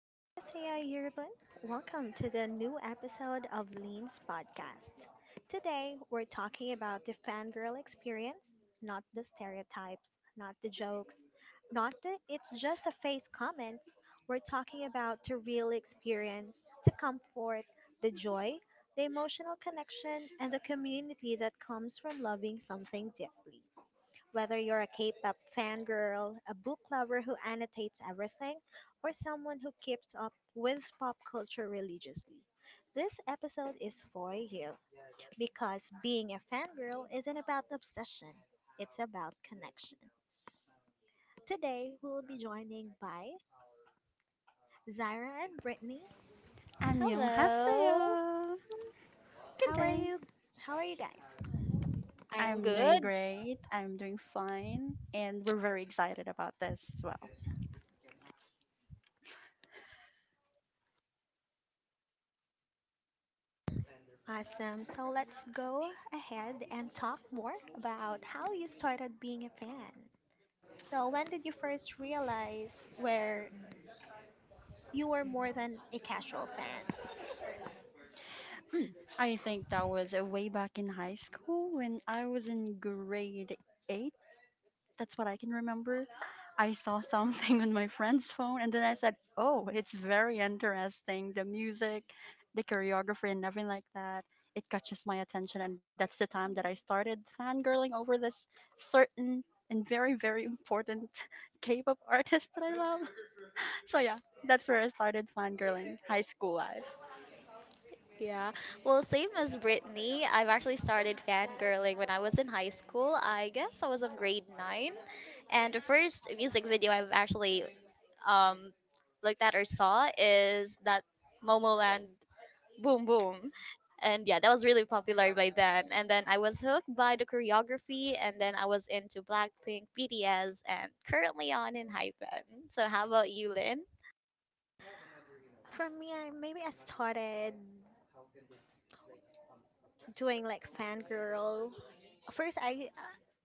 안녕하세요, everyone. Welcome to the new episode of Lean's podcast. Today, we're talking about the fangirl experience, not the stereotypes, not the jokes, not the it's just a face comments. We're talking about the real experience, the comfort, the joy, the emotional connection, and the community that comes from loving something deeply. Whether you're a K pop fangirl, a book lover who annotates everything, or someone who keeps up with pop culture religiously, this episode is for you. Because being a fangirl isn't about obsession, it's about connection. Today we will be joining by Zaira and Brittany. Hello, 안녕하세요. Good How are day. you? How are you guys? I'm I'm doing good. great. I'm doing fine. And we're very excited about this as well. Awesome. So let's go ahead and talk more about how you started being a fan. So, when did you first realize where you were more than a casual fan? Mm, I think that was way back in high school when I was in grade 8. That's what I can remember. I saw something on my friend's phone, and then I said, "Oh, it's very interesting. The music, the choreography, and everything like that. It catches my attention, and that's the time that I started fangirling over this certain and very, very important K-pop artist that I love." So yeah, that's where I started fangirling. High school life. Yeah, well, same as Brittany, I've actually started fangirling when I was in high school. I guess I was in grade nine, and the first music video I've actually um looked at or saw is that Momoland Boom Boom, and yeah, that was really popular by then. And then I was hooked by the choreography, and then I was into Blackpink, BTS, and currently on in Hypen. So how about you, Lynn? For me, I maybe I started doing like fangirl. First, I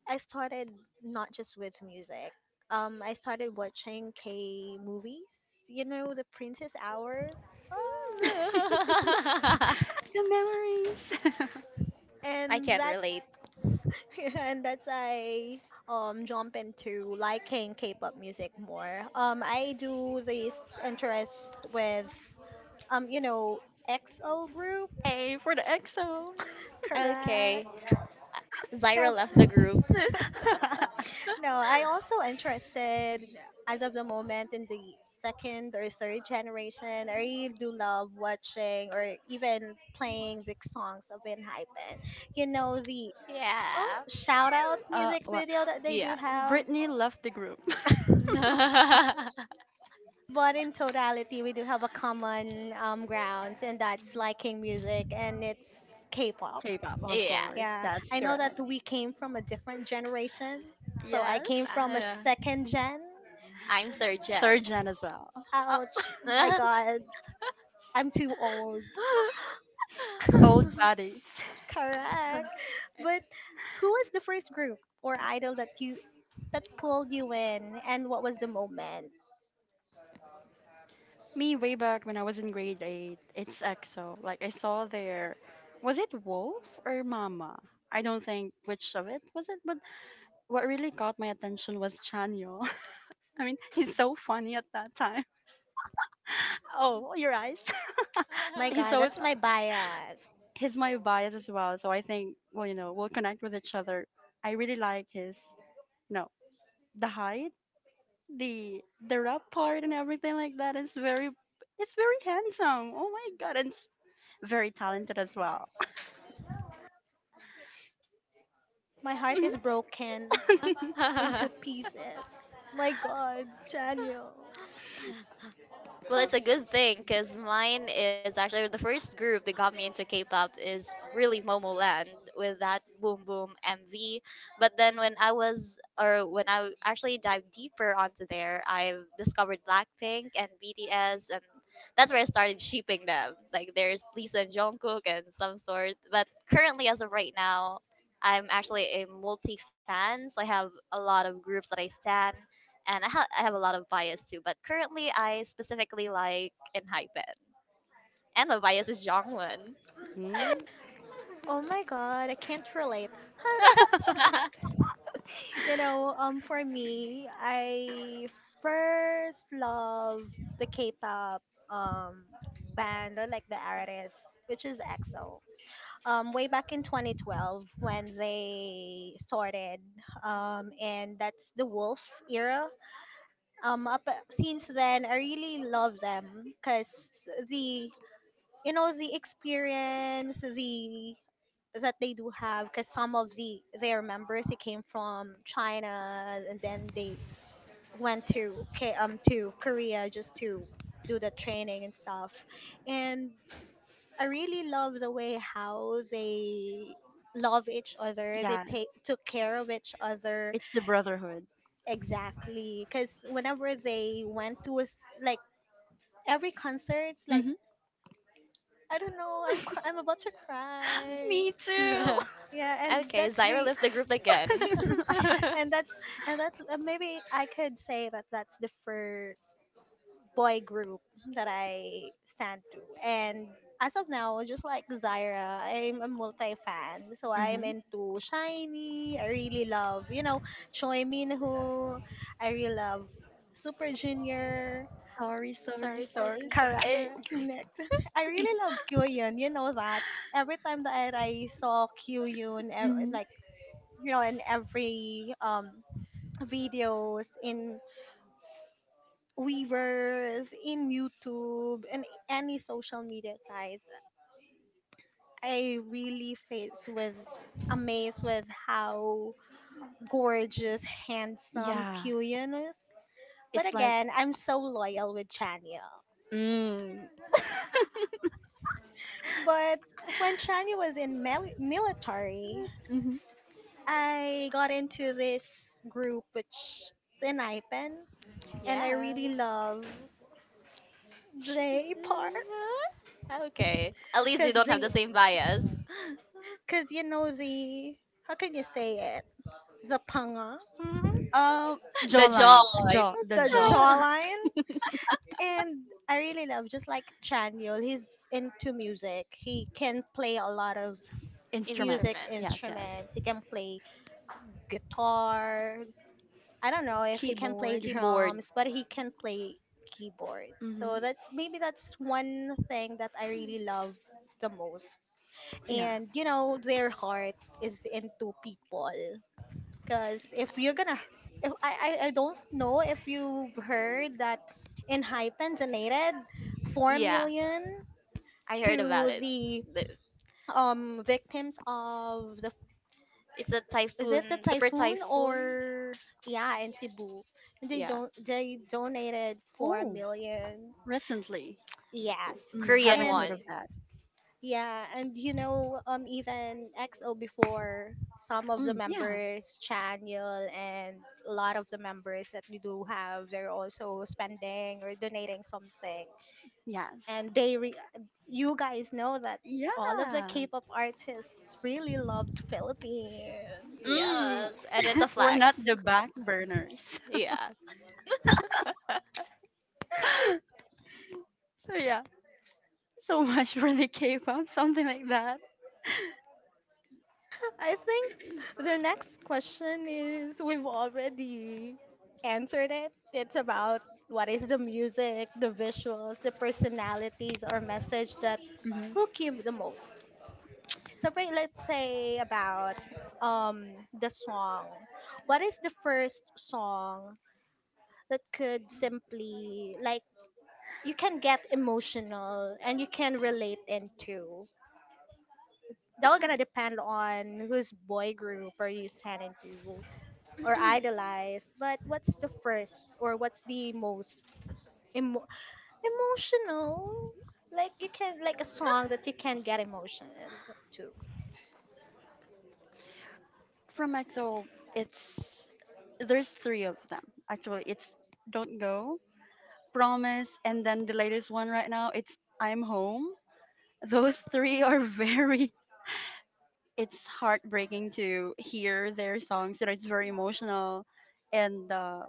I started not just with music. I started watching K movies. You know, the Princess Hours. Ah. The memories. I And can't that's relate. and that's I jump into liking K-pop music more. I do this interest with um you know XO group, Hey, for the EXO. correct? Okay. Zyra No, left the group. no. I also interested as of the moment in the second or third generation. I really do love watching or even playing the songs of Enhypen. You know the oh yeah. shout out music Well, video that they do Yeah. have. Britney left the group. But in totality, we do have a common grounds, and that's liking music, and it's K-pop. K-pop, of course. yes. Yeah, That's I know that correct. we came from a different generation. So I came Yes. from a Uh, second gen. I'm third gen. Third gen as well. Ouch! My God, I'm too old. Old bodies. Correct. But who was the first group or idol that pulled you in, and what was the moment? Me, way back when I was in grade 8, it's EXO. Like, I saw their, was it Wolf or Mama? I don't think which of it was it, but what really caught my attention was Chanyo. I mean, he's so funny at that time. Oh, your eyes. My He's God, so, that's my bias. he's my bias as well. So I think, well, you know, we'll connect with each other. I really like his, you know, the height, the the rap part, and everything like that. It's very handsome. Oh my god, and it's very talented as well. My heart is Mhm. broken into pieces. My god, Daniel. Well, it's a good thing because mine is actually the first group that got me into K-pop is really Momoland with that Boom Boom MV. But then when I was, or when I actually dived deeper onto there, I discovered Blackpink and BTS, and that's where I started shipping them. Like there's Lisa and Jungkook and some sort. But currently, as of right now, I'm actually a multi fan, so I have a lot of groups that I stan and I have a lot of bias too. But currently, I specifically like in Hypen, and my bias is Jongwon. Hmm? Oh my god, I can't relate. Huh. For me, I first love the K-pop um band or like the artist which is EXO. Way back in 2012 when they started and that's the Wolf era. Up since then I really love them cuz the you know the experience the that they do have, because some of their members, they came from China and then they went to K to Korea just to do the training and stuff. And I really love the way how they love each other, they Yeah, take took care of each other, it's the brotherhood. exactly, because whenever they went to a s like every concert, it's like, Hmm. I don't know, I'm about to cry. Me too. Yeah, and okay, that's Zyra the left the group again. and that's and that's maybe I could say that that's the first boy group that I stand to. And as of now, just like zaira, I'm a multi fan, so Hmm. I'm into shiny. I really love, you know, choi minho. I really love super junior, Sorry, sorry, sorry, sorry, sorry, sorry. kara. Eh, sorry. Next, I really love kyuhyun. You know that every time that I saw kyuhyun, mhm. like in every videos, in Weavers, in YouTube, and any social media sites. I really face with amazed with how gorgeous, handsome Yeah, Kyuhyun is. But it's like, again, I'm so loyal with Chanya. mm, But when Chanya was in military, hmm I got into this group which is in IPEN, and I really Yes. love J Park, Okay. At least we because don't have they the same bias. cause you know the, how can you say it? The panga, um, the jawline, joy. jaw, the the jaw, jawline. And I really love, just like Chanyeol, he's into music. He can play a lot of music instruments. Yes, Instruments. yes. instruments. He can play guitar. I don't know if he Key- can play Keyboard. Keyboard. drums, but he can play keyboard. Mm-hmm. So that's, maybe that's one thing that I really love the most. Yeah. And you know, their heart is into people. Because if you're gonna, if I don't know if you've heard that in Hypen donated four Yeah, million I heard about to it. the The- victims of the, It's a is it the typhoon, super typhoon? typhoon. Or yeah, in Cebu, they Yeah. don't they donated four Oh, millions. recently. Yes, Mm, Korean haven't and, heard one. of that. yeah, and you know, even XO before, some of the Mm, yeah. members, Chaniel and a lot of the members that we do have, they're also spending or donating something. Yes. And they, you guys know that all of the Yeah. K-pop artists really loved Philippines. Mm. Yes. And it's a We're not flex. the back burners. Yeah. So, yeah, so much for the K-pop, something like that. I think the next question is we've already answered it. It's about what is the music, the visuals, the personalities or message that Hmm. hook you the most. So for, let's say about um the song. What is the first song that could simply like you can get emotional and you can relate into? That will gonna depend on whose boy group are you standing to or idolized, but what's the first or what's the most emo- emotional? Like you can like a song that you can get emotion to. From EXO, it's there's three of them actually. It's Don't Go, Promise, and then the latest one right now. It's I'm Home. Those three are very. It's heartbreaking to hear their songs. You know, it's very emotional, and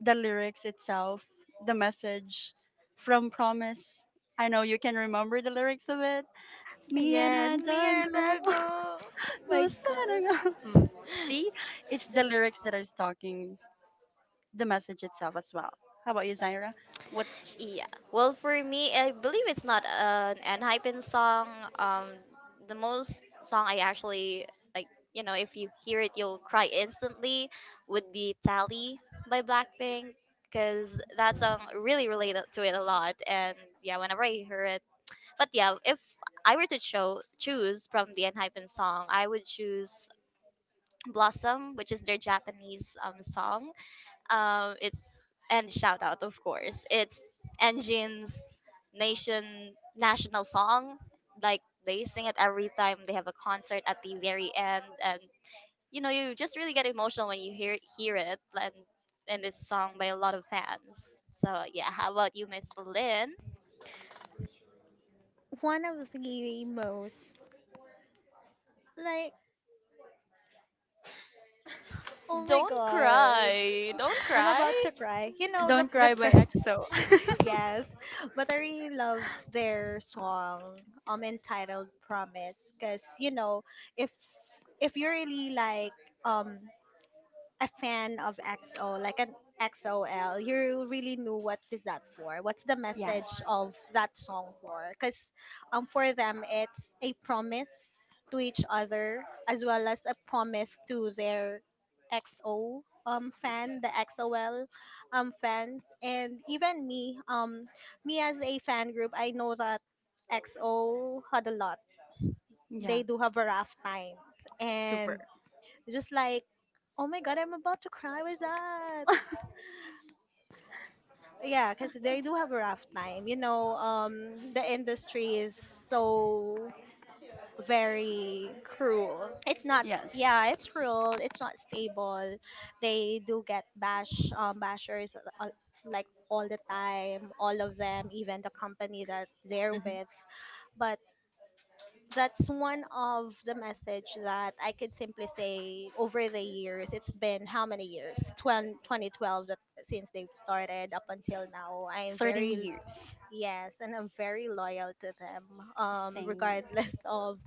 the lyrics itself, the message from Promise. I know you can remember the lyrics of it. Me and Yeah, I me don't and go, I go. Oh my no god. sarang. Hmm. See, it's the lyrics that is talking, the message itself as well. How about you, Zaira? What? Yeah. Well, for me, I believe it's not an Enhypen song. Um, the most song I actually like, you know, if you hear it, you'll cry instantly, would be "Tally" by Blackpink, because that song really related to it a lot. And yeah, whenever I hear it, but yeah, if I were to choose from the Enhypen song, I would choose Blossom, which is their Japanese song. It's and shout out, of course. It's Enjin's national song. Like they sing it every time they have a concert at the very end, and you know you just really get emotional when you hear it, and it's sung by a lot of fans. So yeah, how about you, Miss Lynn? One of the most, like, oh my Don't god. cry, don't I'm cry. about to cry. You know Don't Cry by EXO. yes, but I really love their song entitled Promise, because you know, if if you really like um a fan of XO, like an XOL, you really knew what is that for? What's the Yes. message of that song for? Because for them, it's a promise to each other, as well as a promise to their XO fan, the XOL fans, and even me, as a fan group. I know that XO had a lot. Yeah. They do have a rough times. Super. And just like, oh my god, I'm about to cry with that. Yeah, because they do have a rough time. You know, the industry is so very. Cruel. It's not. Yes. Yeah, it's cruel. It's not stable. They do get bashers uh, like all the time. All of them, even the company that they're Hmm. with. But that's one of the message that I could simply say over the years. It's been how many years? 20 20 12, 2012, that since they've started up until now. I'm 13 very. years. Yes, and I'm very loyal to them. Same. Regardless of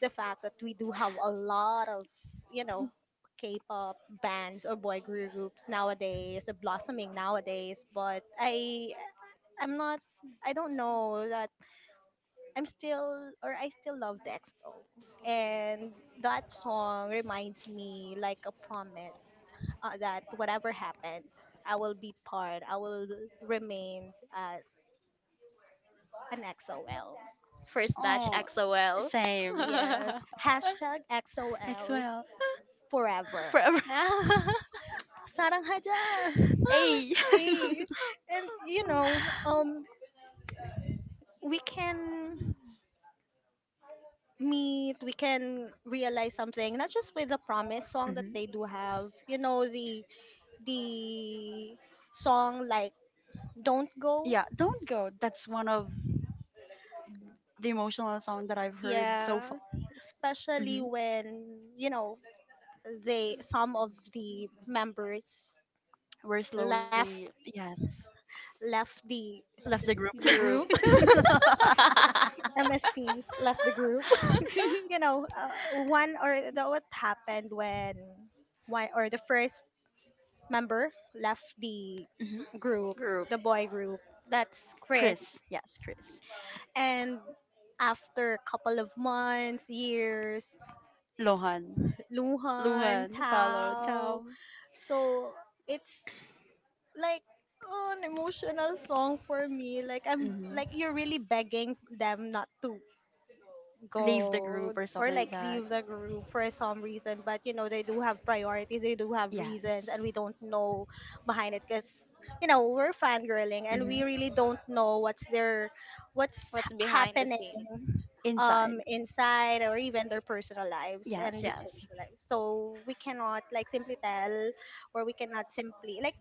the fact that we do have a lot of you know K-pop bands or boy group groups nowadays, blossoming nowadays. But I'm not. I don't know that I'm still, or I still love Dexto. And that song reminds me like a promise, that whatever happens, I will be part. I will remain as an XOL. First batch Oh, XOL. same. Yes. Hashtag XOL XOL. forever. Forever. Sarang haja. Hey. Eh. And um we can meet, we can realize something, not just with the promise song that Mhm. they do have. You know, the song like Don't Go. Yeah, don't go. That's one of the emotional song that I've heard so Yeah, far. especially Mm-hmm. when, they some of the members We're slowly, left yes, left the left the group. the Group. group. MS Teams left the group. You know, one or the, what happened when one or the first member left the Mhm. group, Group. the boy group. That's Chris. Chris, yes, Chris. And after a couple of months, years, Lohan. Luhan, Luhan followed Tao. Tom. So it's like an emotional song for me. Like I'm, Hmm. like, you're really begging them not to Leave the go, group or or something like like that. leave the group for some reason. But they do have priorities. They do have reasons, Yes. and we don't know behind it, because we're fangirling and Hmm. we really don't know what's their, What's behind the happening scene? Inside. Inside, or even their personal lives Yes, and their yes. social lives, so we cannot like simply tell, or we cannot simply like,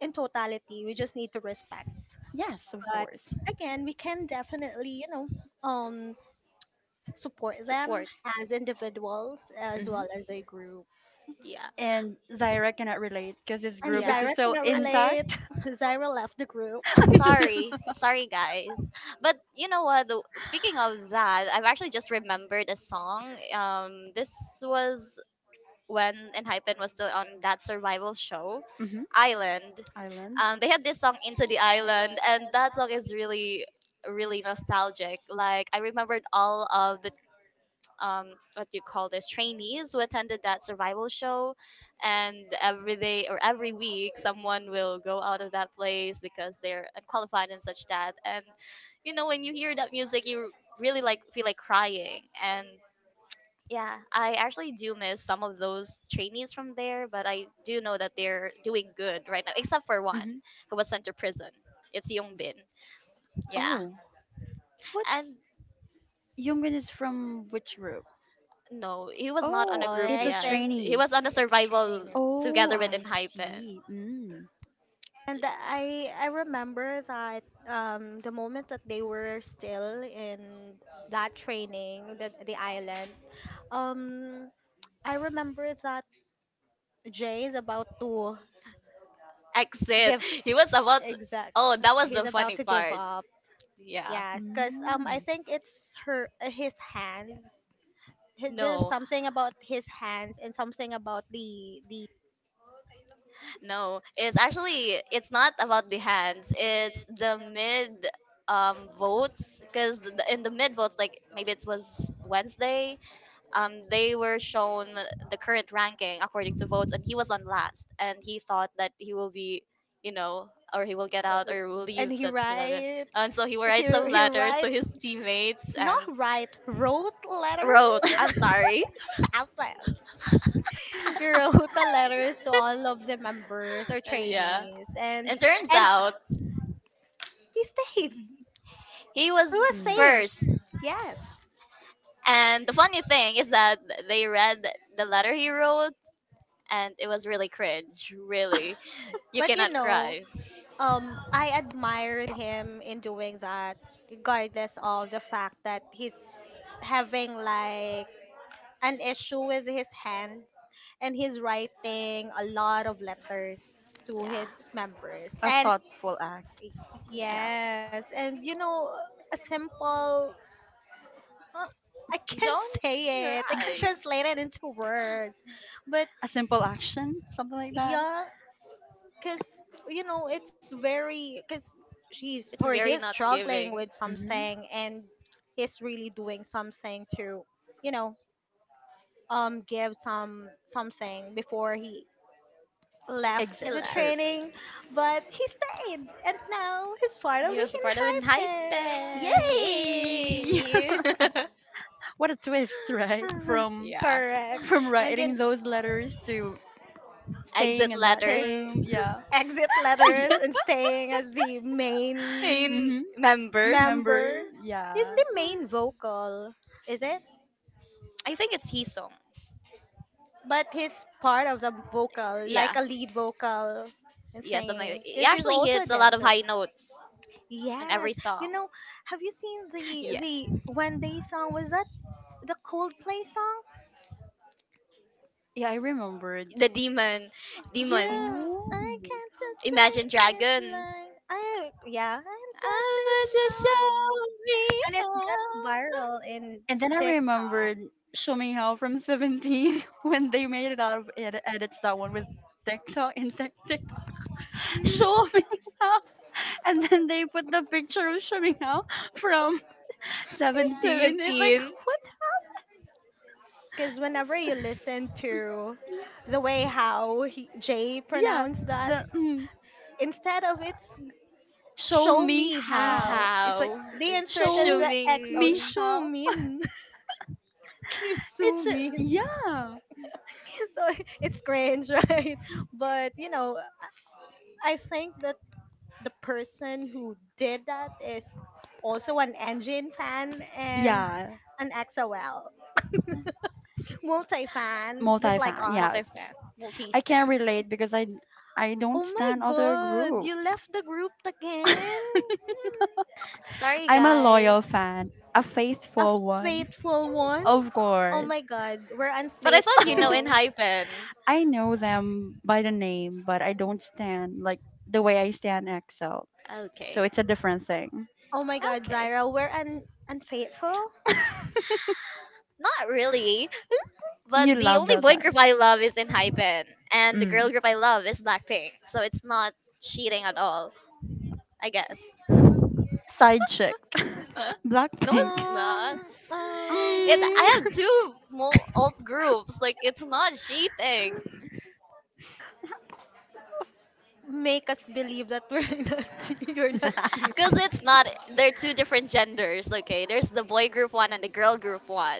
in totality, we just need to respect. Yes, of But course. again, we can definitely, um support them Support. as individuals as Hmm. well as a group. Yeah. And Zaira cannot relate because his And group is Yeah. Zyra still cannot relate. intact. I- Zyra left the group. sorry. Sorry, guys. But you know what? Speaking of that, I've actually just remembered a song. This was when Enhypen was still on that survival show, Hmm. Island. Island. They had this song Into the Island, and that song is really, really nostalgic. Like, I remembered all of um, what do you call this, trainees who attended that survival show, and every day or every week, someone will go out of that place because they're unqualified and such that. And, you know, when you hear that music, you really like feel like crying and yeah, I actually do miss some of those trainees from there, but I do know that they're doing good right now, except for one Hmm. who was sent to prison. It's Yung Bin. Yeah. Oh, what's, And Yoongun is from which group? no, he was not on a Oh, Oh, group it's I a yet. think He trainee. was on a it's true. survival Oh, together with I Enhypen. see. Mm. And Yeah. I remember that, the moment that they were still in that training, the island. Um, I remember that Jay is about to Exit. give, He was about to- exact. Oh, that was He's the about funny to give part. up. Yeah. Yes, because I Mm. think it's her his hands. There's No. something about his hands and something about the. No, it's actually it's not about the hands. It's the mid votes because in the mid votes, like maybe it was Wednesday, they were shown the current ranking according to votes, and he was on last, and he thought that he will be, you know, or he will get out or will And leave that rather, and so he will he write some he letters write. to his teammates and Not write, wrote letters. wrote, "I'm sorry," It's passes. He wrote the letters to all of the members or yeah, trainees, and and turns and out he stayed. He he was was Mm. saved. first. Yes, And the funny thing is that they read the letter he wrote, and it was really cringe. Really, you but cannot cry. I admired him in doing that, regardless of the fact that he's having like an issue with his hands, and he's writing a lot of letters to Yeah, his members. A And thoughtful act. Y- yeah. Yeah, yes, and a simple, uh, I can't Don't say it, I can't cry. translate it into words, but a simple action, something like that. yeah, because it's very, because she's It's or he very is not struggling giving. with Hmm. something, and he's really doing something to, you know, give something before he left He Exit the or, left. training, but he stayed, and now he's part of He the was a part of an hype. Hinhai. yay! Yay! What a twist, right? From yeah. Correct. from And you writing those letters to staying Exit in that letters. stay room. Yeah. exit letters Exit. and staying as the Mm-hmm. main In member. member. Remember? He's Yeah. the main vocal, is it? I think it's his song. But he's part of the vocal, like Yeah. a lead vocal and Yeah, something. Like singing, he because he's actually also a hits a lot of dancer. high notes in Yes. every You song. know, have you seen Yes. the when they song was that the Coldplay song? Yeah, I remembered. The demon. Demon. Yes, Oh. I can't just Imagine take it Dragon. like I yeah, and that's I wish just the show me and it how. got viral in And then I TikTok remembered Shomihao from 17 when they made it out of edit, edits that one with TikTok and Tik, show me how. And then they put the picture of Show me how from 17. It's like, 17. what? because whenever you listen to the way how he, Jay Yeah. pronounced that, The, mm, instead of it's show show me me May how, how. It's like, how. they inserted show the XO, me Shuming. how. Shumin, Kim It's, a, Sumin. yeah. So it's cringe, right? But you know, I think that the person who did that is also an Engine fan and Yeah. an XOL multi fan, just like Multi-fan. us. Yeah. Multifan. I Multis. can relate because I Oh don't my stand other god, you groups. left the group again? Sorry, I'm a guys. loyal fan, a faithful one. Faithful one? Of Oh course. my god, we're But I thought you know in unfaithful. hyphen. I know them by the name, but I don't stand like the way I stand EXO. So Okay. it's a different thing. Oh my god, Okay. Zaira, unfaithful? Not really. But You the love only that boy time. group I love is in hyphen. And the Mm. girl group I love is Blackpink. So it's not cheating at all, I guess. Side chick. No, it's Blackpink. not. Um, It. I have um, Mm. two alt groups. Like it's not cheating. Make us believe that we're not, che- you're not cheating. Cause it's not. They're two different genders. Okay, there's the boy group one and the girl group one.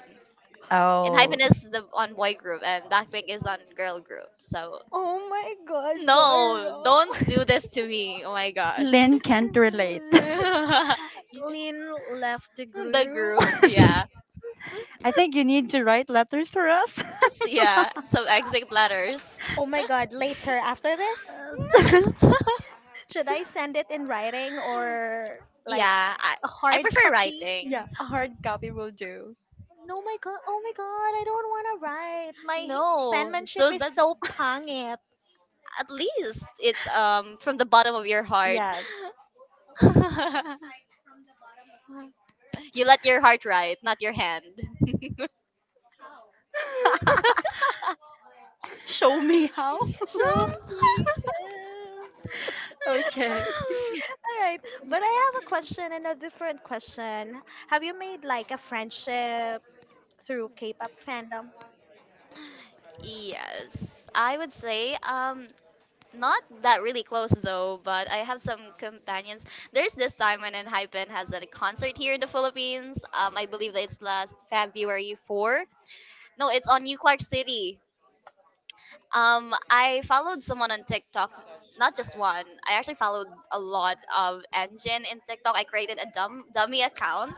And Oh. Hypen is the on boy group, and Blackpink is on girl group. So Oh my god, no, don't do Zaira. this to me. Oh my gosh. Lynn can't relate. Lynn left the the group. group, yeah, I think you need to write letters for us. Yeah. Some exit letters. Oh my god, later after this? Should I send it in writing or like yeah, I a I hard prefer copy? writing. Yeah, a hard copy will do. No, my god. Oh my god. I don't want to write. My No, penmanship so is that so pangit. at least it's from the bottom of your heart. Yes. you let your heart ride, not your hand. Show me how. So. um, Okay, All right. But I have a question and a different question. Have you made like a friendship through K-pop fandom? yes, I would say not that really close though, but I have some companions. There's this time when Hypen has a concert here in the Philippines. I believe that it's last February 4. No, it's on New Clark City. I followed someone on TikTok, not just one. I actually followed a lot of engine in TikTok. I created a dummy account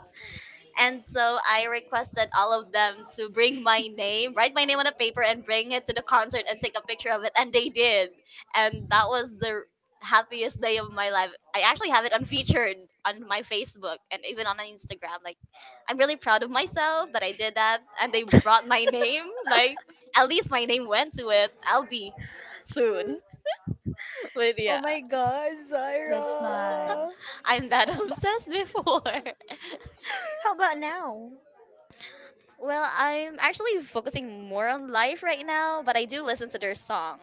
and so I requested all of them to bring my name, write my name on a paper, and bring it to the concert and take a picture of it. And they did. And that was the happiest day of my life. I actually have it unfeatured on my Facebook and even on Instagram. Like, I'm really proud of myself that I did that. And they brought my name. Like, at least my name went to it. I'll be soon. But Oh yeah, my god, that's Zyra. nice. I'm that obsessed before. How about now? Well, I'm actually focusing more on life right now, but I do listen to their songs.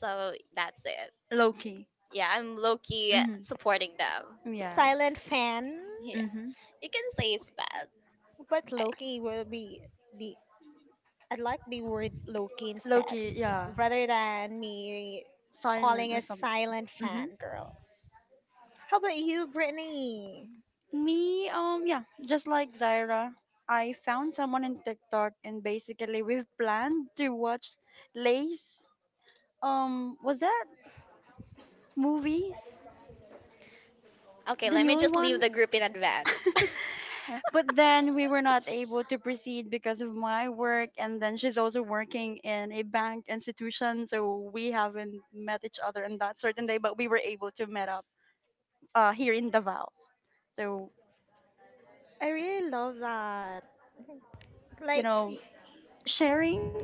So that's it. Loki. Yeah, I'm low key Mhm. supporting them. Yes. Silent fan? Yeah, Mhm. you can say it's that. But I, Loki will be the I like the word Loki instead, Loki. Yeah. rather than me calling Silent or a something. silent Mhm. fan girl. How about you, Brittany? Me. Um, yeah, just like Zaira, I found someone in TikTok, and basically we've planned to watch Lace. Um, was that movie? okay, The let me newly just leave one. the group in advance. But then we were not able to proceed because of my work, and then she's also working in a bank institution, so we haven't met each other on that certain day, but we were able to meet up here in Davao. So I really love that. you Like, know, sharing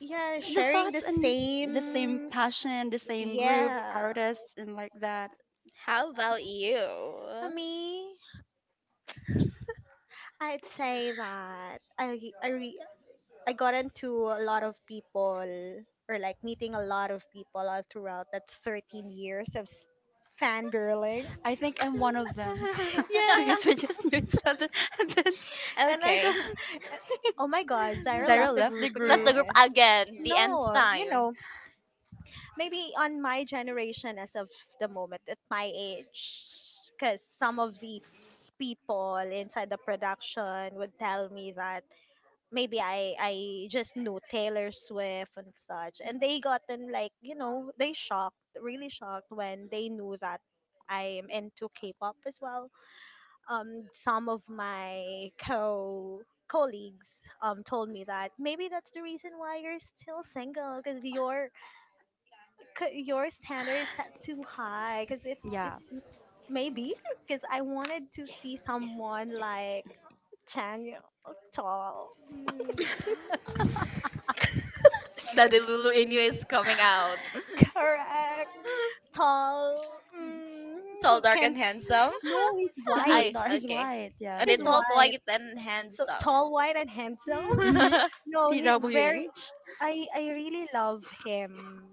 yeah, the thoughts sharing the and the same same. passion, the same group Yeah. artists, and like that. How about you? For me, I'd say that I got into a lot of people or like meeting a lot of people all throughout that 13 years of fangirling. I think I'm one of them. Yes. Because we just knew each other and then And I okay. don't Oh my god, Zyra Zyra left the left the group Left the group. group again. again, the end No, you time. know, maybe on my generation as of the moment at my age because some of the people inside the production would tell me that maybe I just knew Taylor Swift and such, and they gotten like, you know, they shocked really shocked when they knew that I'm into K-pop as well. Some of my co colleagues told me that maybe that's the reason why you're still single because your standard is set too high because it Yeah. maybe because I wanted to see someone like Chanyo, tall, Daddy Lulu in you is coming out. correct, tall, Tall, who dark, and can handsome. no, he's He's not I white, dark. He's okay. white. Are Yes, they he's yes. tall, white, white, and so handsome? tall, white, and handsome. Mm-hmm. No, he's very. TWH. I really love him.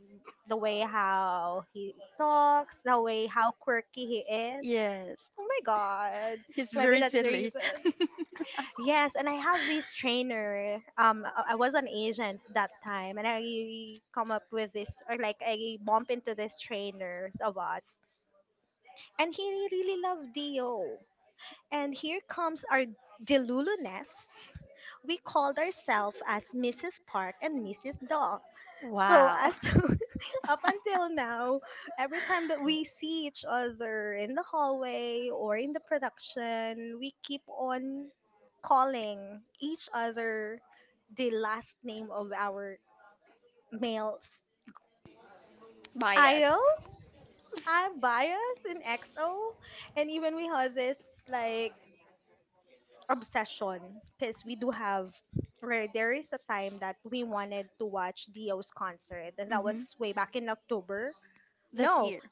The way how he talks, the way how quirky he is. Yes. Oh my god. He's So maybe very that's the silly. reason. Yes, and I have this trainer. I was an agent that time, and I come up with this, or like I bump into this trainers of us, and he really loved Dio. And here comes our Deluluness. We called ourselves as Mrs. Park and Mrs. Dog. So Wow. as up until now, every time that we see each other in the hallway or in the production, we keep on calling each other the last name of our male idol. Bias. I'm biased in XO, and even we have this like obsession because we do have, where there is a time that we wanted to watch Dio's concert, and that Mm-hmm. was way back in October. This No, year.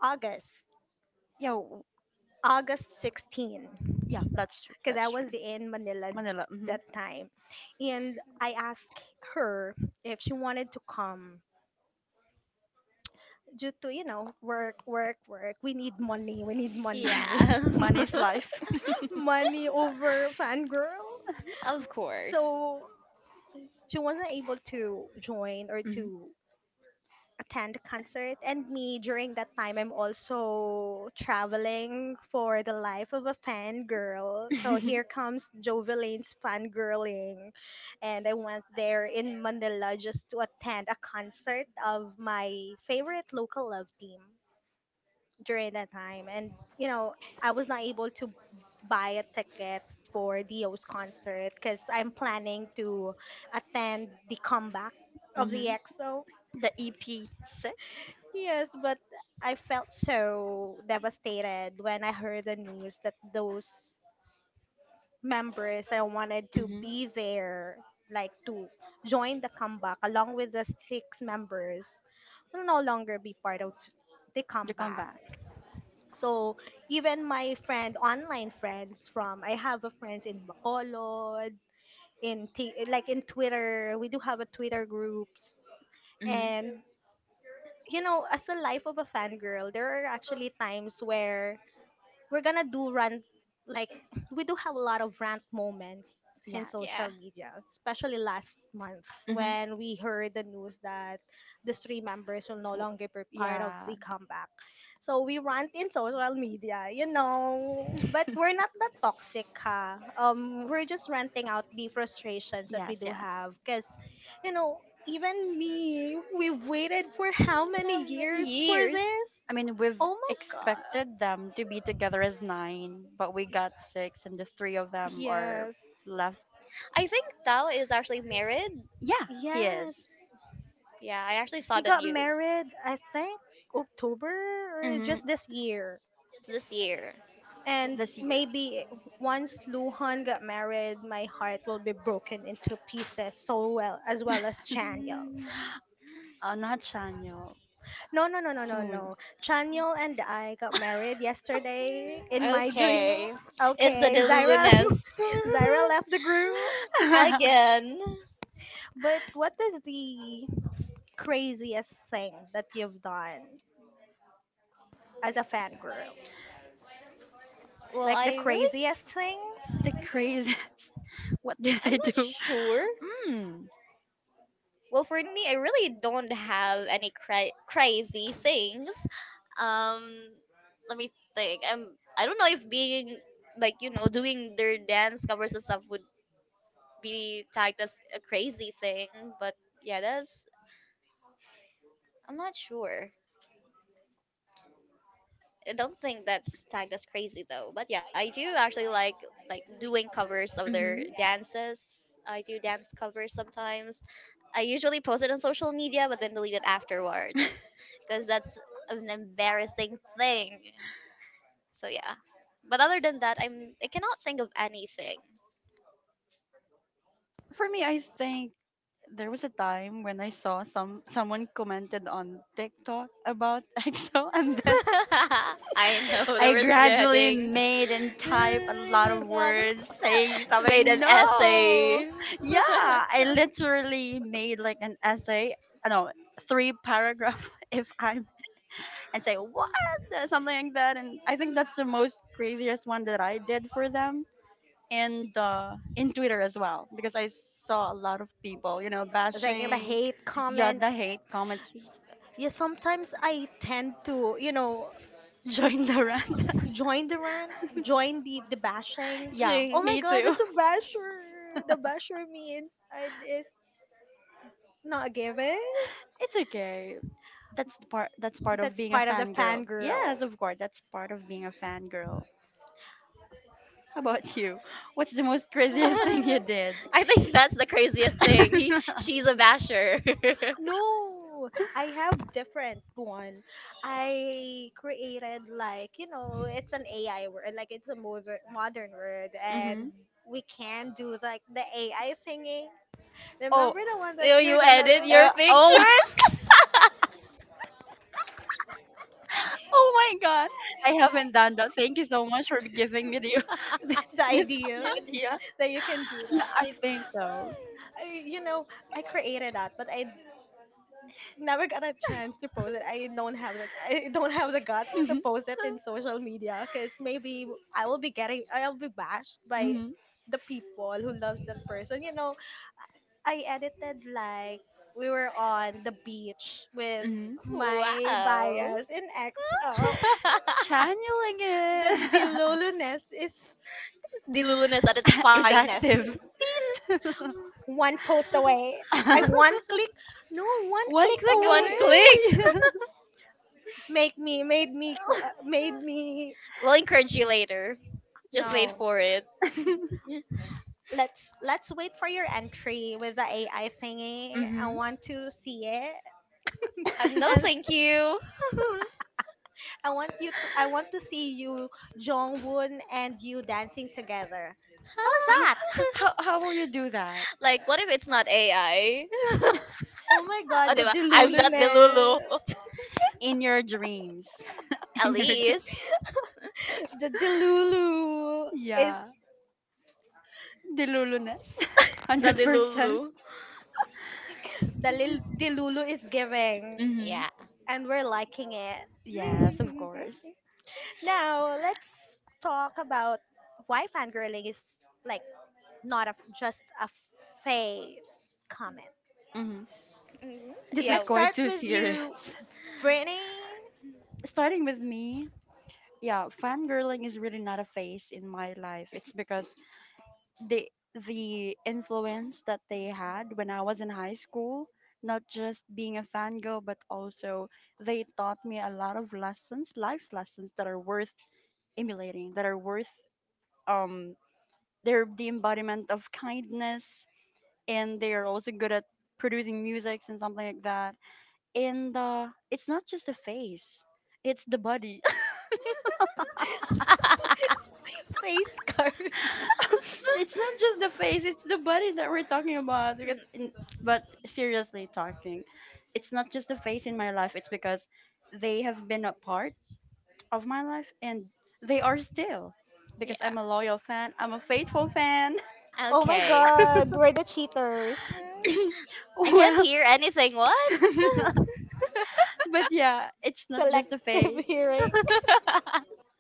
August. Yeah. W- August 16th yeah. That's true. because I That's true. was in Manila Manila. Mm-hmm. that time. And I asked her if she wanted to come due to, you know, work, work, work. We need money. We need money. Yeah. Money is life. Money over fangirl. of course. So she wasn't able to join or Mhm. to attend concert, and me during that time I'm also traveling for the life of a fangirl, so here Mhm. comes Joveline's fangirling, and I went there in Manila just to attend a concert of my favorite local love team during that time. And you know, I was not able to buy a ticket for Dio's concert because I'm planning to attend the comeback of the Mm-hmm. EXO. The EP six. Yes, but I felt so devastated when I heard the news that those members I wanted to Mm-hmm. be there, like to join the comeback along with the six members, will no longer be part of the The comeback. comeback. So even my friend, online friends from, I have a friends in Bacolod, in T, like in Twitter, we do have a Twitter groups, Mm-hmm. and you know, as the life of a fangirl, there are actually times where we're gonna do rant, like we do have a lot of rant moments in Yes. Yeah. social media, especially last month Mm-hmm. when we heard the news that the three members will no W- longer be part of yeah. the comeback. So we rant in social media, you know, but we're not that toxic, ha. We're just ranting out the frustrations that we Yes, do yes. have because, you know, even me, we've waited for how How many many years for years? this. I mean, we've Oh my god, expected them to be together as nine, but we got six, and the three of them are yes. left. I think Tao is actually married. Yeah, he Yes, is. Yeah, I actually saw he the got news married, I think, October or Hmm. just this year. this year. This And year. maybe once Luhan got married, my heart will be broken into pieces, so well as Chaniel. Mm. Not Chanyo. No, no, no, no, no, Soon. no. Chaniel and I got married yesterday in my dream. Okay. It's the Okay, Zyra, Deluluness. Zyra left the group. Again. But what is the craziest thing that you've done as a fan girl? Well, Like the I really, craziest thing, The craziest. What did I'm I not do? sure. Mm. Well, for me, I really don't have any crazy things. Um, let me think. I don't know if being like you know doing their dance covers and stuff would be tagged as a crazy thing, but yeah, that's I'm not sure. I don't think that's tagged as crazy though. But yeah, I do actually like doing covers of their Hmm. dances. I do dance covers sometimes. I usually post it on social media, but then delete it afterwards because that's an embarrassing thing. So yeah. But other than that, I cannot think of anything. For me, I think there was a time when I saw someone commented on TikTok about EXO, and then I know there I was gradually getting made and typed a lot of words saying made something. an No, essay. yeah, I literally made like an essay. I know, three paragraph if I'm and say what. Something like that. And I think that's the most craziest one that I did for them, and in Twitter as well because I saw a lot of people, you know, like the bashing, hate yada comments. hate comments. Yeah, sometimes I tend to, you know, Join the rant. join the rant, join the bashing. Yeah, Oh Ching. my me god, too. it's a basher. The basher means I, it's not a given. It's okay. That's the part, that's part of That's being a part of the fangirl. fangirl. Yes, of course, that's part of being a fangirl. How about you? What's the most craziest thing you did? I think that's the craziest thing. He, she's a basher. No, I have different one. I created like, you know, it's an AI word, like it's a modern word, and Hmm. we can do like the AI singing. Oh, Remember the one that you're you gonna edit your oh, pictures? oh my god. I haven't done that. Thank you so much for giving me the, the, The idea idea. that you can do Yeah, that. I think so. I, you know, I created that, but I never got a chance to post it. I don't have the guts to post it in social media because maybe I'll be bashed by Hmm. the people who loves that person. You know, I edited like we were on the beach with Mhm. my wow. bias in XO. Channeling The it. deluluness is Diluliness at its Is finest. active. Beep. one post away. I one click, no One One click click One away. click. away. Make me made me qu- made me we'll encourage you later. Just wait No. for it. Let's wait for your entry with the AI thingy. I Hmm. want to see it, no, and thank you. I want to see you, Jongwoon, and you dancing together. How's How, Huh? that? how will you do that? Like, what if it's not AI? oh, Oh my God, the diba? I'm not the Lulu. deluluness, In your dreams. At In your dreams. least, the delulu is Yeah. Deluluness. not the 100%. Lulu. the delulu is giving, Mm-hmm. Yeah. and we're liking it. Yes, of course. Now let's talk about why fangirling is like not a, just a phase comment. Hmm. This yeah. is Let's w- quite start too with serious. you, Brittany. Starting with me, yeah, fangirling is really not a phase in my life. It's because the the influence that they had when I was in high school, not just being a fangirl, but also they taught me a lot of lessons, life lessons that are worth emulating, that are worth, um they're the embodiment of kindness, and they are also good at producing musics and something like that. And it's not just a face, it's the body. Face card. It's not just the face, it's the body that we're talking about. Because, Mm, in, but seriously talking, it's not just the face in my life. It's because they have been a part of my life, and they are still. Because yeah. I'm a loyal fan, I'm a faithful fan. Oh my Okay. god, we're the cheaters. I can't Well, hear anything. What? but yeah, it's not just the Selective face. hearing.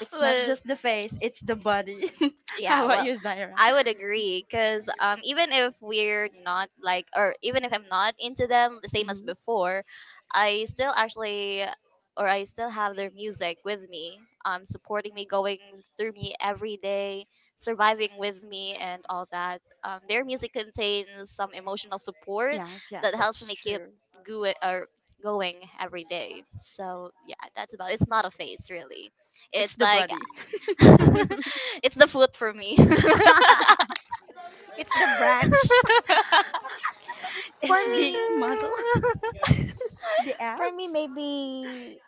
It's not but just the face. It's the body. How yeah, about well, you, Zaira? I would agree because even if we're not like, or even if I'm not into them the same as Mhm. before, I still actually, or I still have their music with me, supporting me, going through me every day, surviving with me, and all that. Their music contains some emotional support Yes, yes, that helps that's me keep true. go- or going every day. So yeah, that's about. It's not a phase really. It's It's the like body. It's it's the food for me. It's the branch. For the me, muscle, the abs. maybe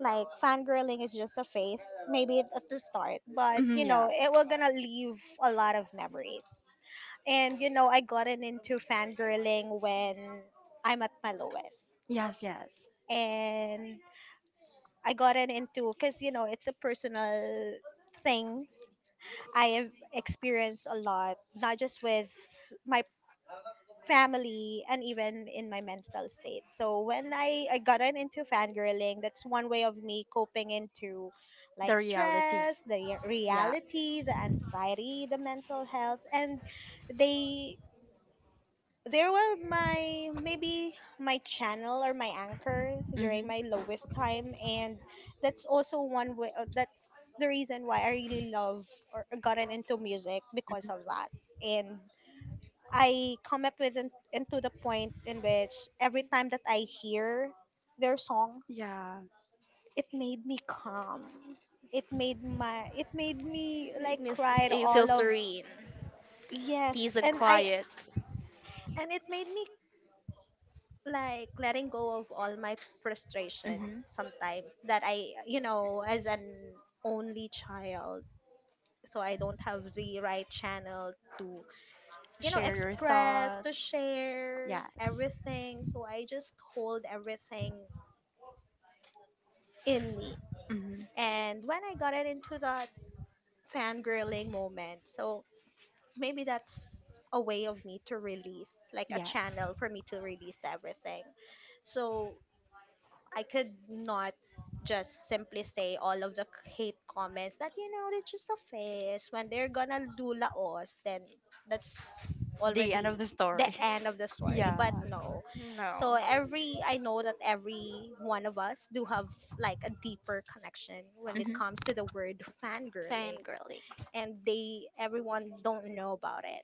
like fangirling is just a phase, maybe at the start, but Mhm, you yeah. know, it will gonna leave a lot of memories. And you know, I gotten into fangirling when I'm at my lowest. Yes, yes. And I gotten into because you know it's a personal thing. I have experienced a lot, not just with my family and even in my mental state. So when I gotten into fangirling, that's one way of me coping into The like reality. stress, the Yeah. reality, the anxiety, the mental health, and they there were my maybe my channel or my anchor during Mhm. my lowest time, and that's also one way. That's the reason why I really love or gotten into music because Mhm. of that. And I come up with an, into the point in which every time that I hear their songs, Yeah. it made me calm. It made me It like makes you cried feel all of, serene, peace yes, and and I quiet. and it made me like letting go of all my frustration Mhm. sometimes that I, you know, as an only child, so I don't have the right channel to, you know, Share your express, to thoughts. share Yes. everything. So I just hold everything in me. Mhm. And when I got it into that fangirling moment, so maybe that's a way of me to release, like a Yes. channel for me to release everything. So I could not just simply say all of the hate comments that you know it's just a phase when they're gonna do laos, then that's The end already of the the story. end of the story, but Yeah. no. So No, every, I know that every one of us do have like a deeper connection when it Mhm. comes to the word fangirling, fangirling, and they everyone don't know about it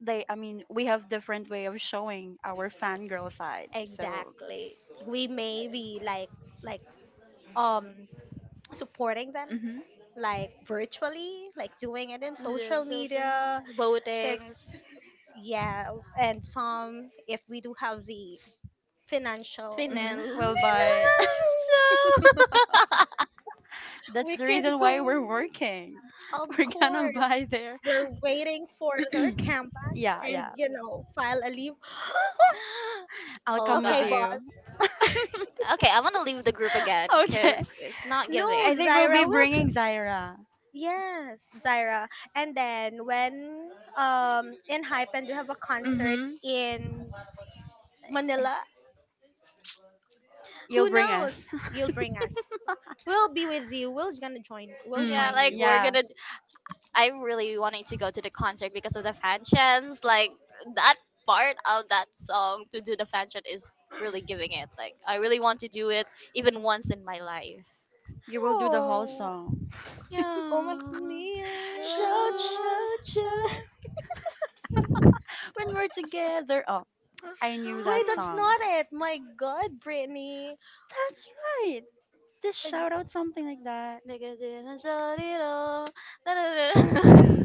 They, I mean, we have different way of showing our fangirl side. So, exactly. We may be like, like um supporting them mhm. like virtually, like doing it in the social children, media. Because, boatings, yeah, and some, if we do have the financial, Finel. Mhm. We'll buy. financial, That's we the can reason go. why we're working. Of We're gonna course, buy there. we're waiting for their comebacks Yeah, and, yeah. you know, file a leave. I'll oh come with Okay, gosh. boss. you. Okay, I'm gonna leave the group again Okay. because it's not No, I giving. think we'll be Zaira will. Bringing Zaira. Yes, Zaira. And then when in Hype and we have a concert Mhm. in Manila, You'll who bring us. knows? You'll bring us. We'll be with you. We'll gonna join. We'll Yeah, Mm, join like you. we're yeah. gonna I'm really wanting to go to the concert because of the fan chants. Like that part of that song to do the fan chant is really giving it. Like I really want to do it even once in my life. You will do the whole Oh, song. oh my Shout, amigo. shout, shout. When we're together. Oh, I knew Wait, that that's song. not it. My God, Brittany. That's right. Just Ag- shout out something like that.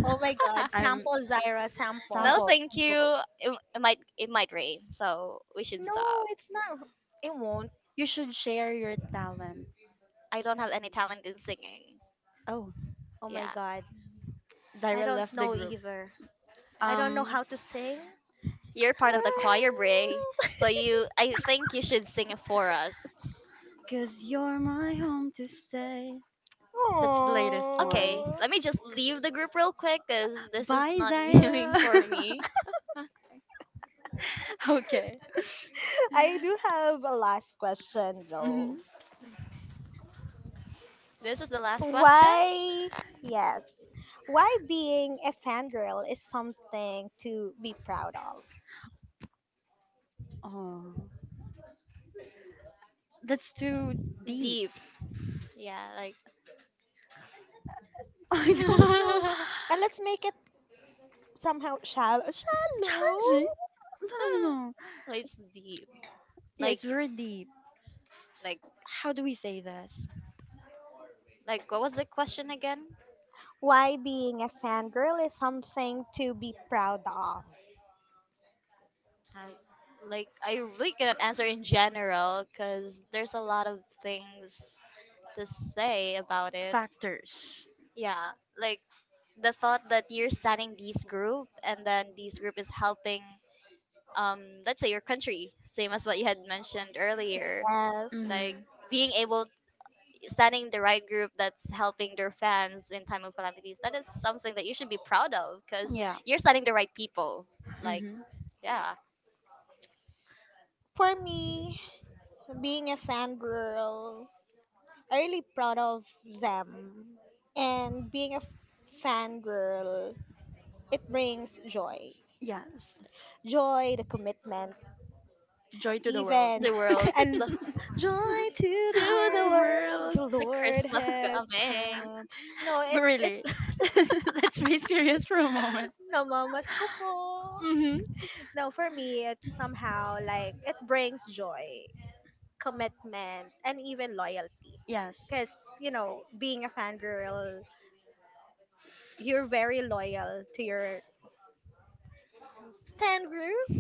Oh my God, I'm sample Zyra, no, sample. sample. thank you. It, it might rain, so we should stop. No, it's not. It won't. You should share your talent. I don't have any talent in singing. Oh, Oh my Yeah, God, I Zyra don't left the know group. either. I don't know Um, how to sing. you're part of the choir, Bray. So you, I think you should sing it for us. cause you're my home to stay. It's the latest Okay, one. Aw. let me just leave the group real quick because this is Bye, not Zyra. going for me. Okay. I do have a last question though. Hmm. This is the last question. Why, yes, why being a fangirl is something to be proud of. Oh, that's too deep. Deep. Yeah, like I don't know. And let's make it somehow shallow. Shallow? Challenging? No, no, no, no. like it's deep. Yeah, Like it's very deep. like How do we say this? like what was the question again? Why being a fangirl is something to be proud of. Um, like I really cannot answer in general because there's a lot of things to say about it. Factors. Yeah, like the thought that you're starting this group and then this group is helping let's say your country same as what you had mentioned earlier Yes. like Mm-hmm. being able standing the right group that's helping their fans in time of calamities that is something that you should be proud of because Yeah. you're standing the right people like Mm-hmm. yeah For me, being a fangirl, I'm really proud of them. And being a fangirl, it brings joy. Yes. Joy, the commitment, Joy to the world. even the world the, and to The joy to the the world world, world. the the lord christmas has coming come. no it But it really, let's be serious for a moment. namamas ko po. Mm-hmm. No, for me it's somehow like it brings joy, commitment, and even loyalty, Yes. because you know being a fangirl, you're very loyal to your stand group,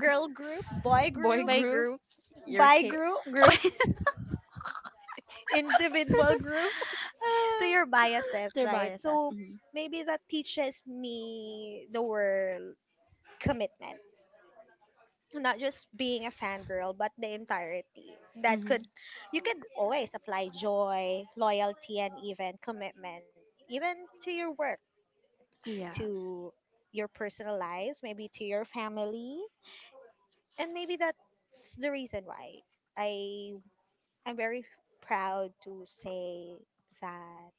girl group, boy Boy group, my group. group Your bi kid. group, But group. individual group, to your biases, they're right? biases. So Mm-hmm. maybe that teaches me the word commitment. Not just being a fangirl, but the entirety. That Mm-hmm. could, you could always apply joy, loyalty, and even commitment. Even to your work, Yeah. to your personal lives, maybe to your family. And maybe that's the reason why I I'm very proud to say that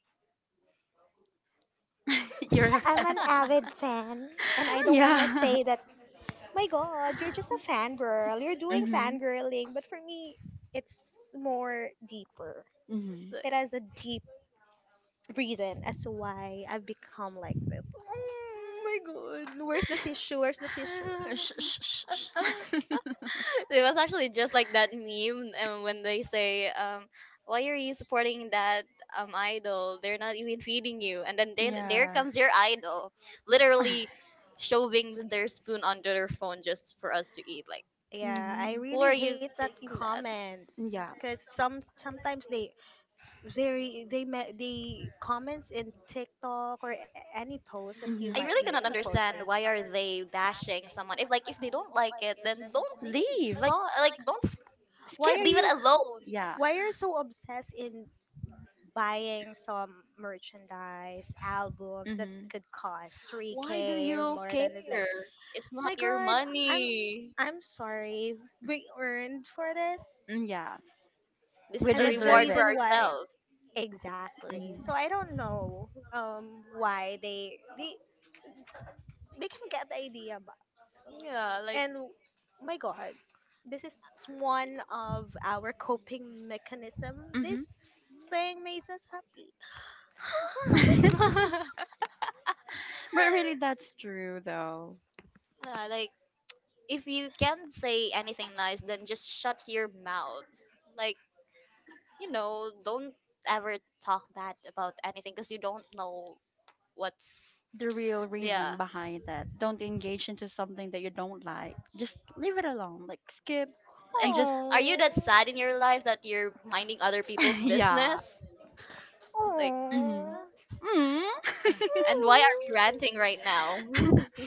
You're a I'm fan. an avid fan, and I don't want to Yeah. say that, my God, you're just a fangirl, you're doing Mhm. fangirling. But for me, it's more deeper. Mhm. It has a deep reason as to why I've become like this. Oh my God. Where's the tissue? Where's the tissue? Sh- sh- sh- sh- It was actually just like that meme, and when they say, "Why are you supporting that idol? They're not even feeding you." And then they, there yeah. comes your idol, literally shoving their spoon under their phone just for us to eat. Like, Yeah, I Mhm. who really are you hate that taking that? comments Yeah. because sometimes they very they comments in TikTok or any post that you Mhm. I might really be cannot posting. understand why are they bashing someone. If like if they don't like it, then don't Leave. Like, saw like don't s- Why skip. are leave it you alone. Yeah. why are you so obsessed in buying some merchandise, albums that Mhm. could cost Why do 3k or you more care? than it, like, It's not my your god, I'm money. I'm sorry. We earned for this. Mm, yeah. This We is And a that's the deserve reward for it. reason why, ourselves. exactly. Mhm. So I don't know why they they can get the idea, but Yeah, like and my god, this is one of our coping mechanism. This Mhm. thing made us happy. But really, that's true though. yeah, like if you can't say anything nice, then just shut your mouth. Like you know, don't ever talk bad about anything because you don't know what's The real yeah. reason behind that. Don't engage into something that you don't like. Just leave it alone. Like, skip and Like, just Oh. are you that sad in your life that you're minding other people's yeah. business? Like, Mm-hmm. Oh. Mm. and why are you ranting right now?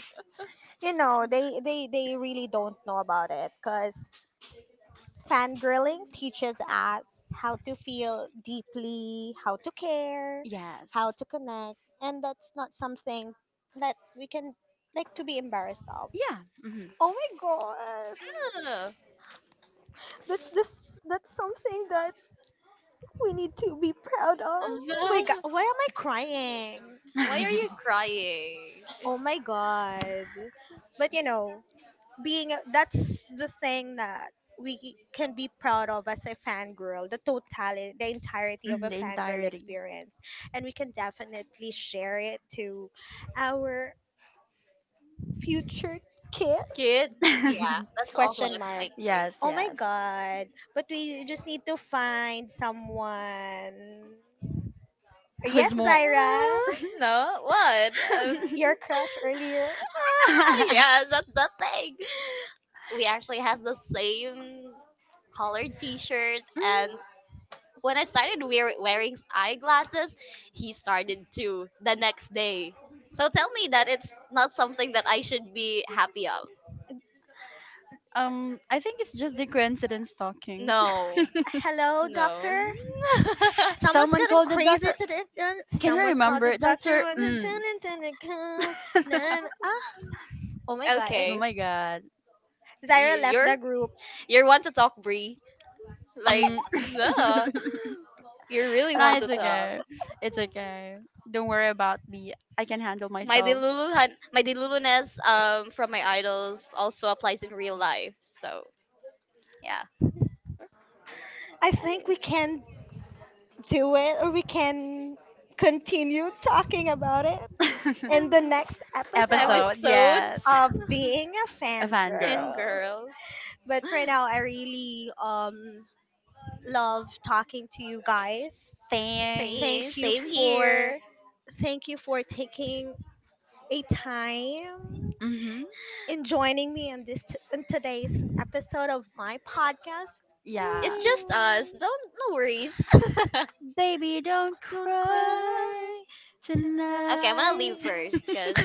You know, they really don't know about it because fangirling teaches us how to feel deeply, how to care, Yes. how to connect, and that's not something that we can like to be embarrassed of. Yeah. Oh my god. Yeah. That's something that we need to be proud of. Oh my god, why am I crying? why are you Mm-hmm. crying, Oh my God. But you know, that's the thing that we can be proud of as a fangirl, the totality, the entirety of a The fangirl entirety. experience. And we can definitely share it to our future kid? kids? Yeah, that's also what Question I'm mark. thinking. Yes, Oh my yes. God. But we just need to find someone. Who's Yes, more Zaira, no, what? Your crush earlier. ah, mm, yeah, that's the thing. We actually has the same colored T-shirt, and when I started wearing eyeglasses, he started too the next day. So tell me that it's not something that I should be happy of. I think it's just the coincidence talking. No, Hello, no. doctor. Someone's Someone getting called the crazy doctor. today. Can you Someone called the remember doctor. Dr. Mm? Ah. Oh my god. Oh okay, my god. you, Zyra left you're the group. you're one to talk, Bree. Like, Mm. no, you really No, want to it's talk. okay. It's okay. Don't worry about me. I can handle My myself. delulu my deluluness from my idols also applies in real life. So yeah, I think we can do it, or we can continue talking about it in the next Episode, episodes yes. episodes of being a A and fangirl. fangirl. girl. But for now, I really love talking to you guys. Thank Same, you Thanks. same for here. Thank you for taking a time Mm-hmm. in joining me in in today's episode of my podcast. Yeah. It's just Mm, us. Don't no worries. Baby, don't don't cry cry okay, I'm gonna tonight. leave tonight. first, cause.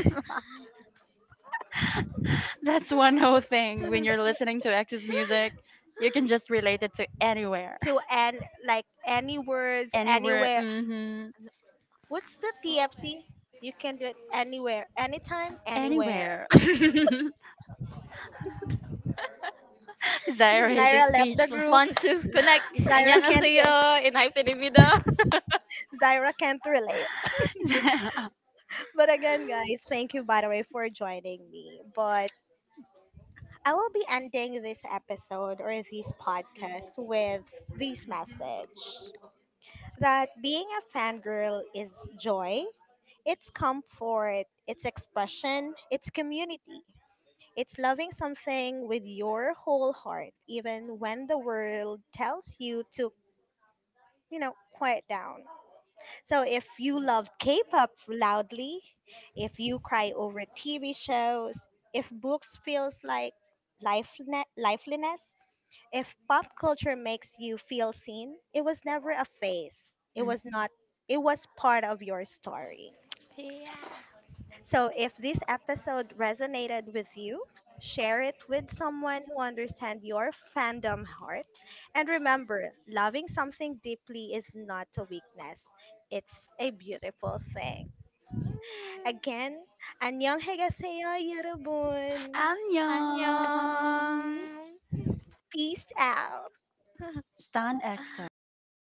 That's one whole thing. When you're listening to X's music, you can just relate it to anywhere. To end like any words Anywhere. anywhere. Mm-hmm. What's the TFC? You can do it anywhere, anytime, anywhere. Anywhere. Zaira is okay, Zaira left the speechless. group. 1 2 connect. Z- Zaira can't. 안녕하세요 re- in hyphen 입니다. Zaira can't relate. But again, guys, thank you by the way for joining me. But I will be ending this episode or this podcast with this message that being a fangirl is joy, it's comfort, it's expression, it's community. It's loving something with your whole heart, even when the world tells you to, you know, quiet down. So if you love K pop loudly, if you cry over TV shows, if books feels like lifeliness, if pop culture makes you feel seen, it was never a phase. It was not it was part of your story. So if this episode resonated with you, share it with someone who understands your fandom heart. And remember, loving something deeply is not a weakness. It's a beautiful thing. Again, 안녕히 가세요, 여러분. Annyeong. 안녕. Peace out. Stan EXO.